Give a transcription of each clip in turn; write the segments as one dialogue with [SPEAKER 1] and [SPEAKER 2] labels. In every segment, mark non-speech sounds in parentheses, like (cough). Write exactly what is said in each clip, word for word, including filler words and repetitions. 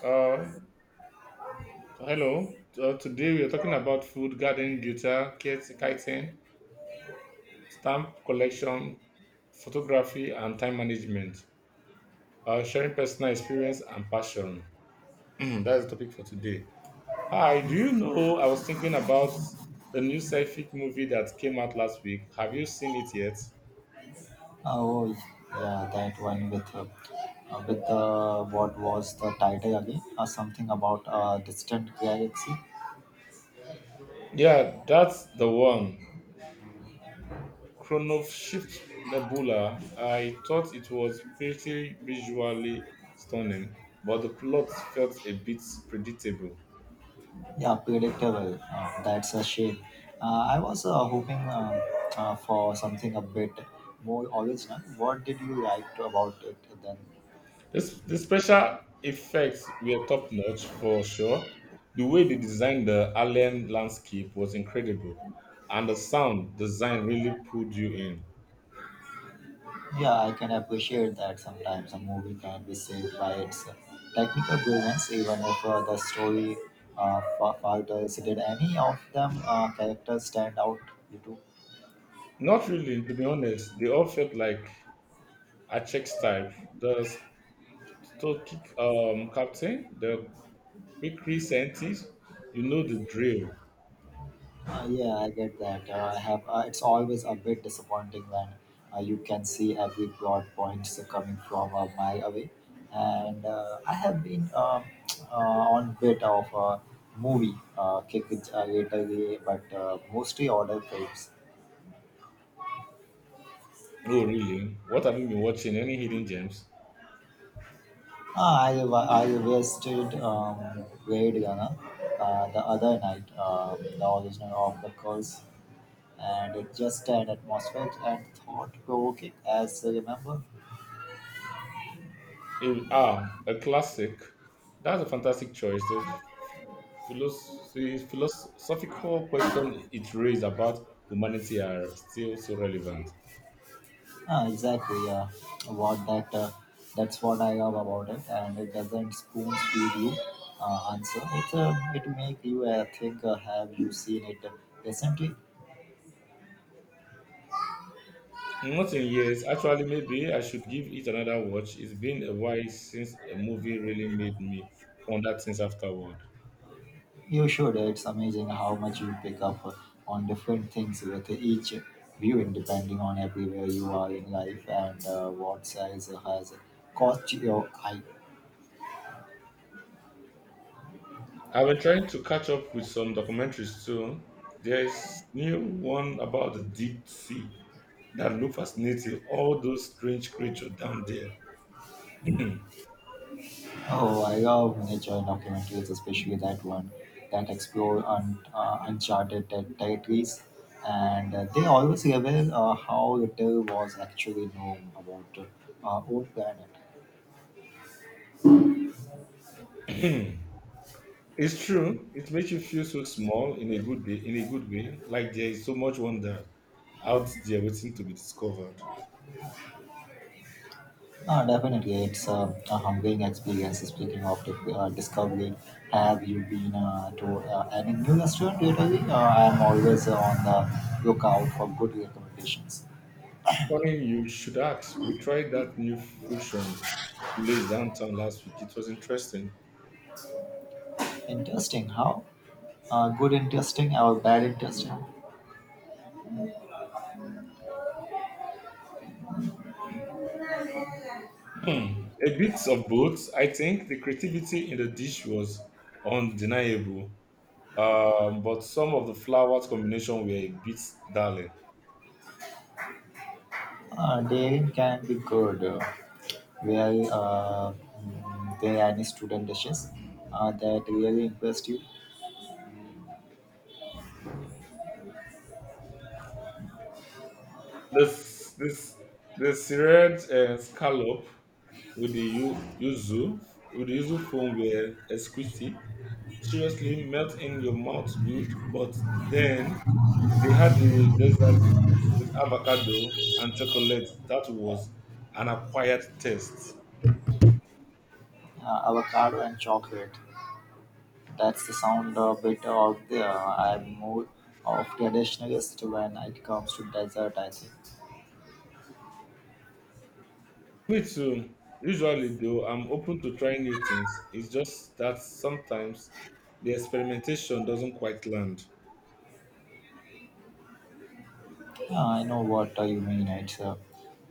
[SPEAKER 1] Uh, Hello. Uh, today we are talking about food, gardening, guitar, kit- kiting, stamp collection, photography, and time management. Uh, sharing personal experience and passion. (clears throat) That's the topic for today. Hi, do you know I was thinking about the new sci-fi movie that came out last week? Have you seen it yet?
[SPEAKER 2] Uh, Oh, yeah, that one with uh, uh, with uh, what was the title again? Uh, something about uh, distant galaxy.
[SPEAKER 1] Yeah, that's the one. Chronowshift Nebula, I thought it was pretty visually stunning, but the plot felt a bit predictable.
[SPEAKER 2] Yeah, predictable. Uh, that's a shame. Uh, I was uh, hoping um uh, for something a bit more original. What did you like about it then?
[SPEAKER 1] This, the special effects were top notch for sure. The way they designed the alien landscape was incredible, and the sound design really pulled you in.
[SPEAKER 2] Yeah, I can appreciate that sometimes a movie can be saved by its technical brilliance, even if uh, the story uh, fa- falters. Did any of them uh, characters stand out? You two?
[SPEAKER 1] Not really, to be honest. They all felt like a Czech type. The Stokik um, captain, the quick scientist, you know the drill.
[SPEAKER 2] Uh, yeah, I get that. Uh, I have. Uh, it's always a bit disappointing when uh, you can see every plot points coming from a mile away. And uh, I have been uh, (tsk) uh, on bit of a movie uh, kick it uh, lately, but uh, mostly order films.
[SPEAKER 1] Oh, really? What have you been watching? Any hidden gems?
[SPEAKER 2] Ah, I wa- I wasted um, Blade Runner, uh, the other night, uh, the original of the curse, and it just an atmospheric and thought provoking as I remember.
[SPEAKER 1] Eh, ah, a classic. That's a fantastic choice. The philos- the philosophical question it raised about humanity are still so relevant.
[SPEAKER 2] Ah, exactly. Yeah, what that uh, that's what I love about it, and it doesn't spoon feed you uh, answer. It's uh, it make you uh, think. Uh, have you seen it recently?
[SPEAKER 1] Not in years. Actually, maybe I should give it another watch. It's been a while since a movie really made me ponder things afterward.
[SPEAKER 2] You should. It's amazing how much you pick up, uh, on different things with each viewing, depending on everywhere you are in life and uh, what size has caught your eye.
[SPEAKER 1] I've been trying to catch up with some documentaries too. There's new one about the deep sea that look fascinating, all those strange creatures down there.
[SPEAKER 2] Oh, I love nature documentaries, especially that one that explore un- uh, uncharted ter- territories, and uh, they always reveal uh, how little was actually known about uh, our own planet.
[SPEAKER 1] It's true. It makes you feel so small in a good day, in a good way, like there is so much wonder out there waiting to be discovered.
[SPEAKER 2] Uh, definitely, it's uh, a humbling experience. Speaking of the, uh, discovery, have you been uh, to uh, any new restaurant lately? Uh, I'm always on the lookout for good recommendations.
[SPEAKER 1] Funny, you should ask. We tried that new fusion place downtown last week. It was interesting.
[SPEAKER 2] Interesting, how? Uh, good, interesting, or bad, interesting?
[SPEAKER 1] A bit of both. I think the creativity in the dish was undeniable, um, but some of the flowers combination were a bit dull.
[SPEAKER 2] Uh, they can be good. Uh, well, uh, mm, there are any student dishes uh, that really impressed you?
[SPEAKER 1] This this the seared uh, scallop with the yu- yuzu with the yuzu foam were exquisite. Seriously, melt in your mouth good, but then they had the dessert with avocado and chocolate. That was an acquired taste.
[SPEAKER 2] Uh, avocado and chocolate. That's the sound a bit out there. I'm more of traditionalist when it comes to dessert. I think.
[SPEAKER 1] Me too. Usually, though, I'm open to trying new things. It's just that sometimes the experimentation doesn't quite land.
[SPEAKER 2] Uh, I know what uh, you mean. It's uh,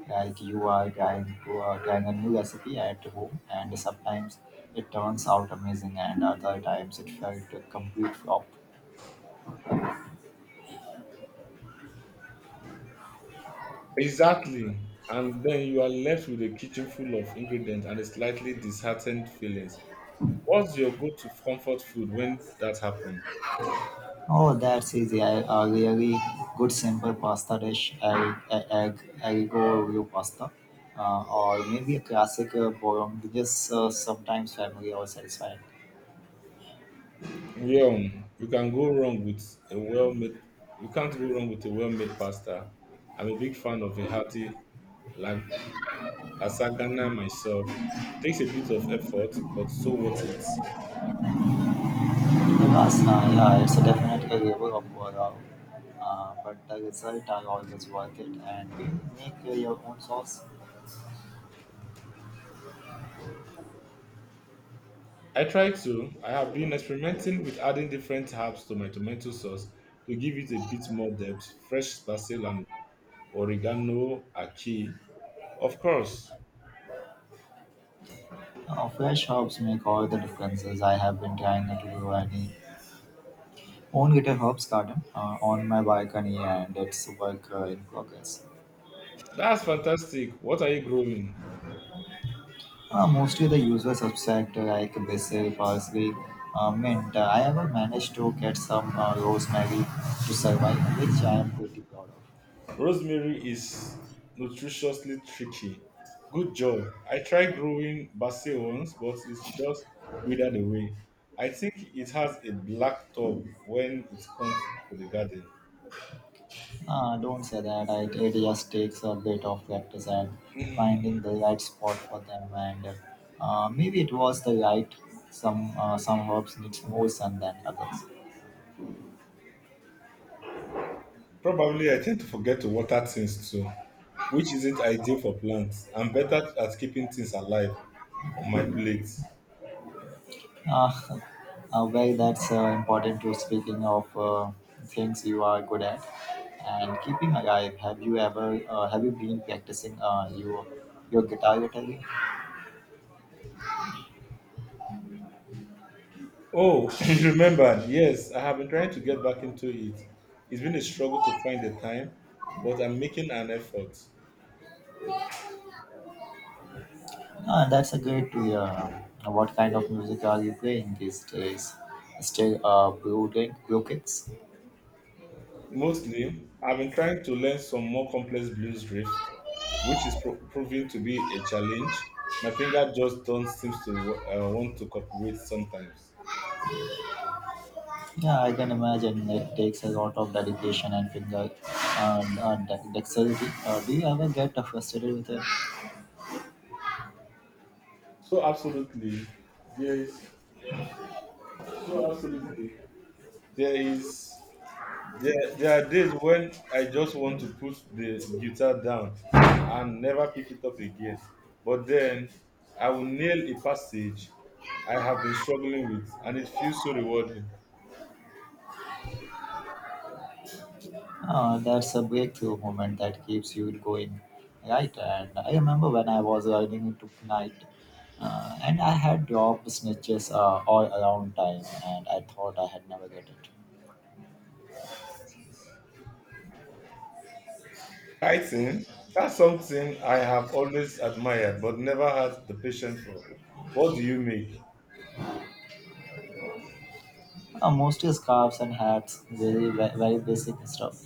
[SPEAKER 2] like you are trying to uh, trying a new recipe at home, and sometimes it turns out amazing, and other times it felt a complete flop.
[SPEAKER 1] Exactly. And then you are left with a kitchen full of ingredients and a slightly disheartened feelings. What's your go-to comfort food when that happened?
[SPEAKER 2] Oh, that's easy. I, a really good simple pasta dish, egg, e, egg, egg, aglio pasta, uh, or maybe a classic uh, bolognese, uh, sometimes family or satisfied.
[SPEAKER 1] Yeah, you can go wrong with a well-made. You can't go wrong with a well-made pasta. I'm a big fan of a healthy la- lasagna myself. Takes a bit of effort, but so worth it.
[SPEAKER 2] The pasta, yeah, it's a definite level of overall, uh, but the result are always worth it. And do you make uh, your own sauce?
[SPEAKER 1] I try to. I have been experimenting with adding different herbs to my tomato sauce to give it a bit more depth, fresh basil and oregano, achi. Of course.
[SPEAKER 2] Uh, fresh herbs make all the differences. I have been trying to do any own little herbs garden uh, on my balcony, and it's work uh, in progress.
[SPEAKER 1] That's fantastic. What are you growing?
[SPEAKER 2] Uh, mostly the usual suspect like basil, parsley, uh, mint. I ever managed to get some uh, rosemary to survive, which I am pretty proud of.
[SPEAKER 1] Rosemary is nutritiously tricky. Good job. I tried growing basil once, but it's just withered away. I think it has a black top when it comes to the garden.
[SPEAKER 2] Uh, don't say that. I, it just takes a bit of practice and finding the right spot for them. And uh, maybe it was the right. Some uh, some herbs needs more sun than others.
[SPEAKER 1] Probably I tend to forget to water things too, which isn't ideal for plants. I'm better at keeping things alive on my plate.
[SPEAKER 2] Uh, (laughs) Uh, well, that's uh, important to speaking of, uh, things you are good at and keeping alive. Have you ever uh, have you been practicing uh, your your guitar lately?
[SPEAKER 1] Oh, (laughs) you remembered. Yes, I have been trying to get back into it. It's been a struggle to find the time, but I'm making an effort.
[SPEAKER 2] Uh, that's a great to hear. What kind of music are you playing these days? Still uh, brooding, brookings?
[SPEAKER 1] Mostly, I've been trying to learn some more complex blues riff, which is pro- proving to be a challenge. My finger just don't seem to wa- uh, want to cooperate sometimes.
[SPEAKER 2] Yeah, I can imagine it takes a lot of dedication and finger and uh, de- dexterity. Uh, do you ever get uh, frustrated with it?
[SPEAKER 1] So absolutely, there is so absolutely there is There, there are days when I just want to put the guitar down and never pick it up again. But then I will nail a passage I have been struggling with, and it feels so rewarding.
[SPEAKER 2] Uh, that's a breakthrough moment that keeps you going, right? And I remember when I was riding into night, uh, and I had dropped snitches uh, all around time, and I thought I had never get it.
[SPEAKER 1] Writing, that's something I have always admired but never had the patience for. What do you make?
[SPEAKER 2] Uh, mostly scarves and hats, very ve- very basic stuff.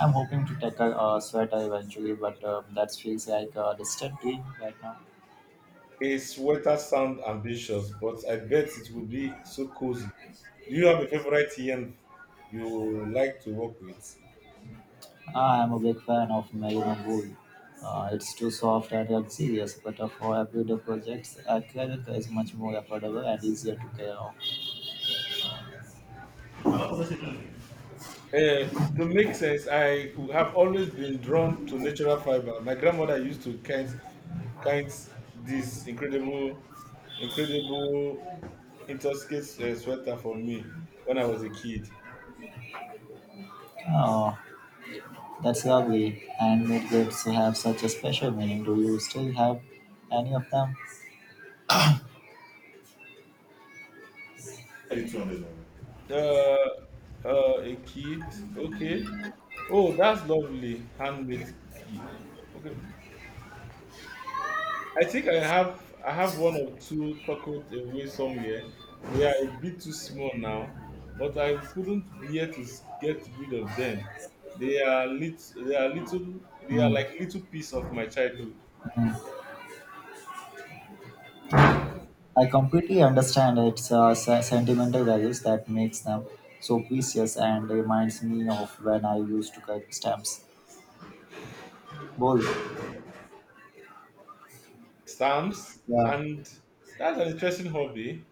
[SPEAKER 2] I'm hoping to tackle a sweater eventually, but um, that feels like a distant dream right now.
[SPEAKER 1] A sweater sound ambitious, but I bet it will be so cozy. Do you have a favorite yarn you like to work with?
[SPEAKER 2] I am a big fan of Maroon Wool. Uh, it's too soft and luxurious, but uh, for everyday projects, Acrylic is much more affordable and easier to carry on.
[SPEAKER 1] Uh, to make sense, I have always been drawn to natural fiber. My grandmother used to kite, kite this incredible, incredible intricate uh, sweater for me when I was a kid.
[SPEAKER 2] Oh, that's lovely. Handmade gifts have such a special meaning. Do you still have any of them?
[SPEAKER 1] This one. Uh, uh, a kid. Okay. Oh, that's lovely. Handmade key. Okay. I think I have I have one or two tucked away somewhere. They are a bit too small now, but I couldn't bear to s- get rid of them. They are lit, they are little they are
[SPEAKER 2] Mm,
[SPEAKER 1] like little piece of my childhood.
[SPEAKER 2] mm. I completely understand its uh, se- sentimental values that makes them so precious and reminds me of when I used to collect stamps. Bol,
[SPEAKER 1] Stamps
[SPEAKER 2] yeah,
[SPEAKER 1] and that's an interesting hobby.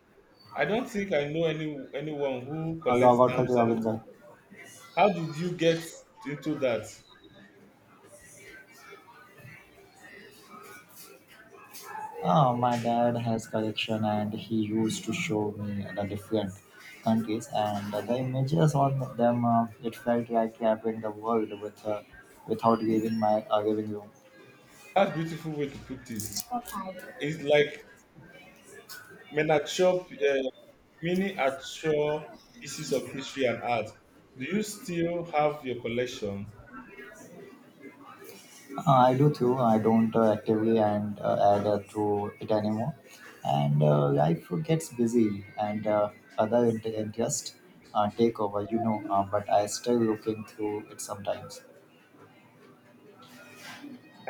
[SPEAKER 1] I don't think I know any anyone who
[SPEAKER 2] Allah
[SPEAKER 1] collects
[SPEAKER 2] God karte
[SPEAKER 1] stamps
[SPEAKER 2] ho, Vinod?
[SPEAKER 1] anymore. How did you get into that?
[SPEAKER 2] Oh, my dad has collection and he used to show me the different countries and the images on them. Uh, it felt like traveling the world with, uh, without leaving my uh, living room.
[SPEAKER 1] That's a beautiful way to put it.
[SPEAKER 2] Uh,
[SPEAKER 1] It's like Men are chop, uh, many are chop pieces of history and art. Do you still have your collection?
[SPEAKER 2] I do too. I don't uh, actively and uh, add uh, to it anymore. And uh, life gets busy and, uh, other int- interest uh, take over, you know. Uh, but I still looking through it sometimes.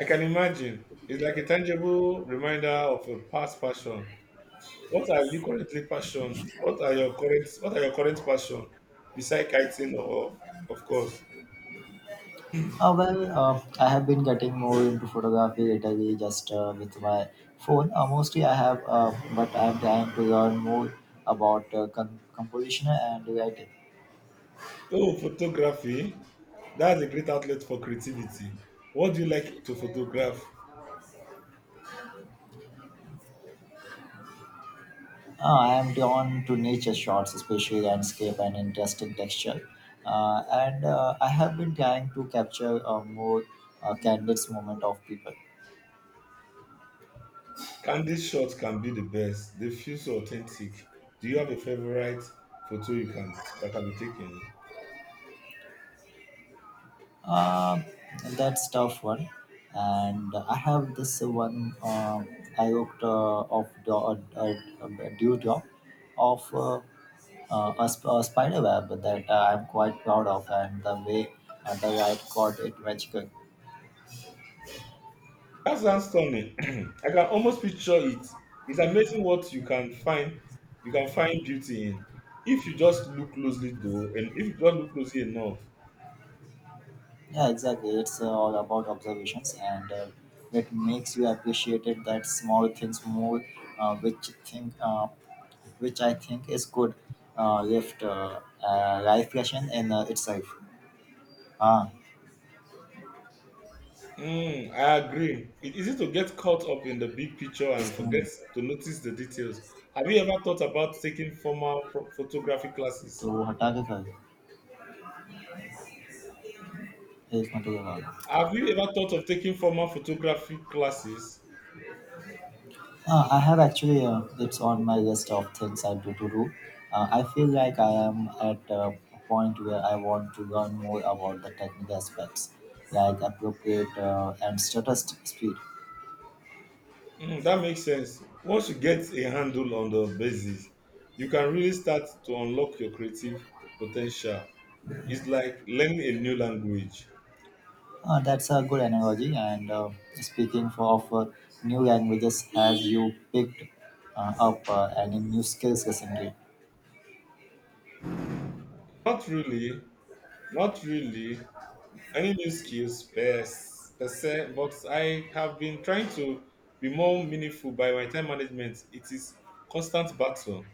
[SPEAKER 1] I can imagine. It's like a tangible reminder of a past passion. What are you currently passion? What are your current What are your current passion? Beside kiting, Of of course.
[SPEAKER 2] Uh, well, uh, I have been getting more into photography lately just uh, with my phone. Uh, mostly I have, uh, but I'm trying to learn more about uh, con- composition and writing.
[SPEAKER 1] Oh, photography. That's a great outlet for creativity. What do you like to photograph?
[SPEAKER 2] Uh, I am drawn to nature shots, especially landscape and interesting texture. Uh, and uh, I have been trying to capture a more uh, candid moment of people.
[SPEAKER 1] Candid shots can be the best. They feel so authentic. Do you have a favorite photo you can that can be taken?
[SPEAKER 2] Uh, that's tough one. And I have this one. Uh, I worked uh, of do- uh, uh, uh, due job of, uh, uh, a, sp- a spider web that uh, I'm quite proud of, and the way uh, the I caught it magical.
[SPEAKER 1] That sounds stunning. (clears throat) I can almost picture it. It's amazing what you can find. You can find beauty in if you just look closely, though, and If you just look closely enough.
[SPEAKER 2] Yeah, exactly. It's uh, all about observations, and uh, it makes you appreciate it that small things more, uh, which think uh, which I think is good uh, left uh, uh, life lesson in uh, itself. Ah.
[SPEAKER 1] Mm, I agree. It's easy to get caught up in the big picture and forget
[SPEAKER 2] Isn't
[SPEAKER 1] to notice the details. Have you ever thought about taking formal pro- photography
[SPEAKER 2] to
[SPEAKER 1] classes?
[SPEAKER 2] Hatake is not to the wall.
[SPEAKER 1] Have you ever thought of taking formal photography classes?
[SPEAKER 2] Uh, I have actually, uh, it's on my list of things I do to do. Uh, I feel like I am at a point where I want to learn more about the technical aspects, like appropriate uh, and status speed.
[SPEAKER 1] Mm, that makes sense. Once you get a handle on the basis, you can really start to unlock your creative potential. It's like learning a new language.
[SPEAKER 2] Uh, that's a good analogy. And uh, speaking for of, uh, new languages, have you picked uh, up uh, any new skills recently?
[SPEAKER 1] Not really, Not really any new skills per, s- per se, but I have been trying to be more meaningful by my time management. It is constant battle.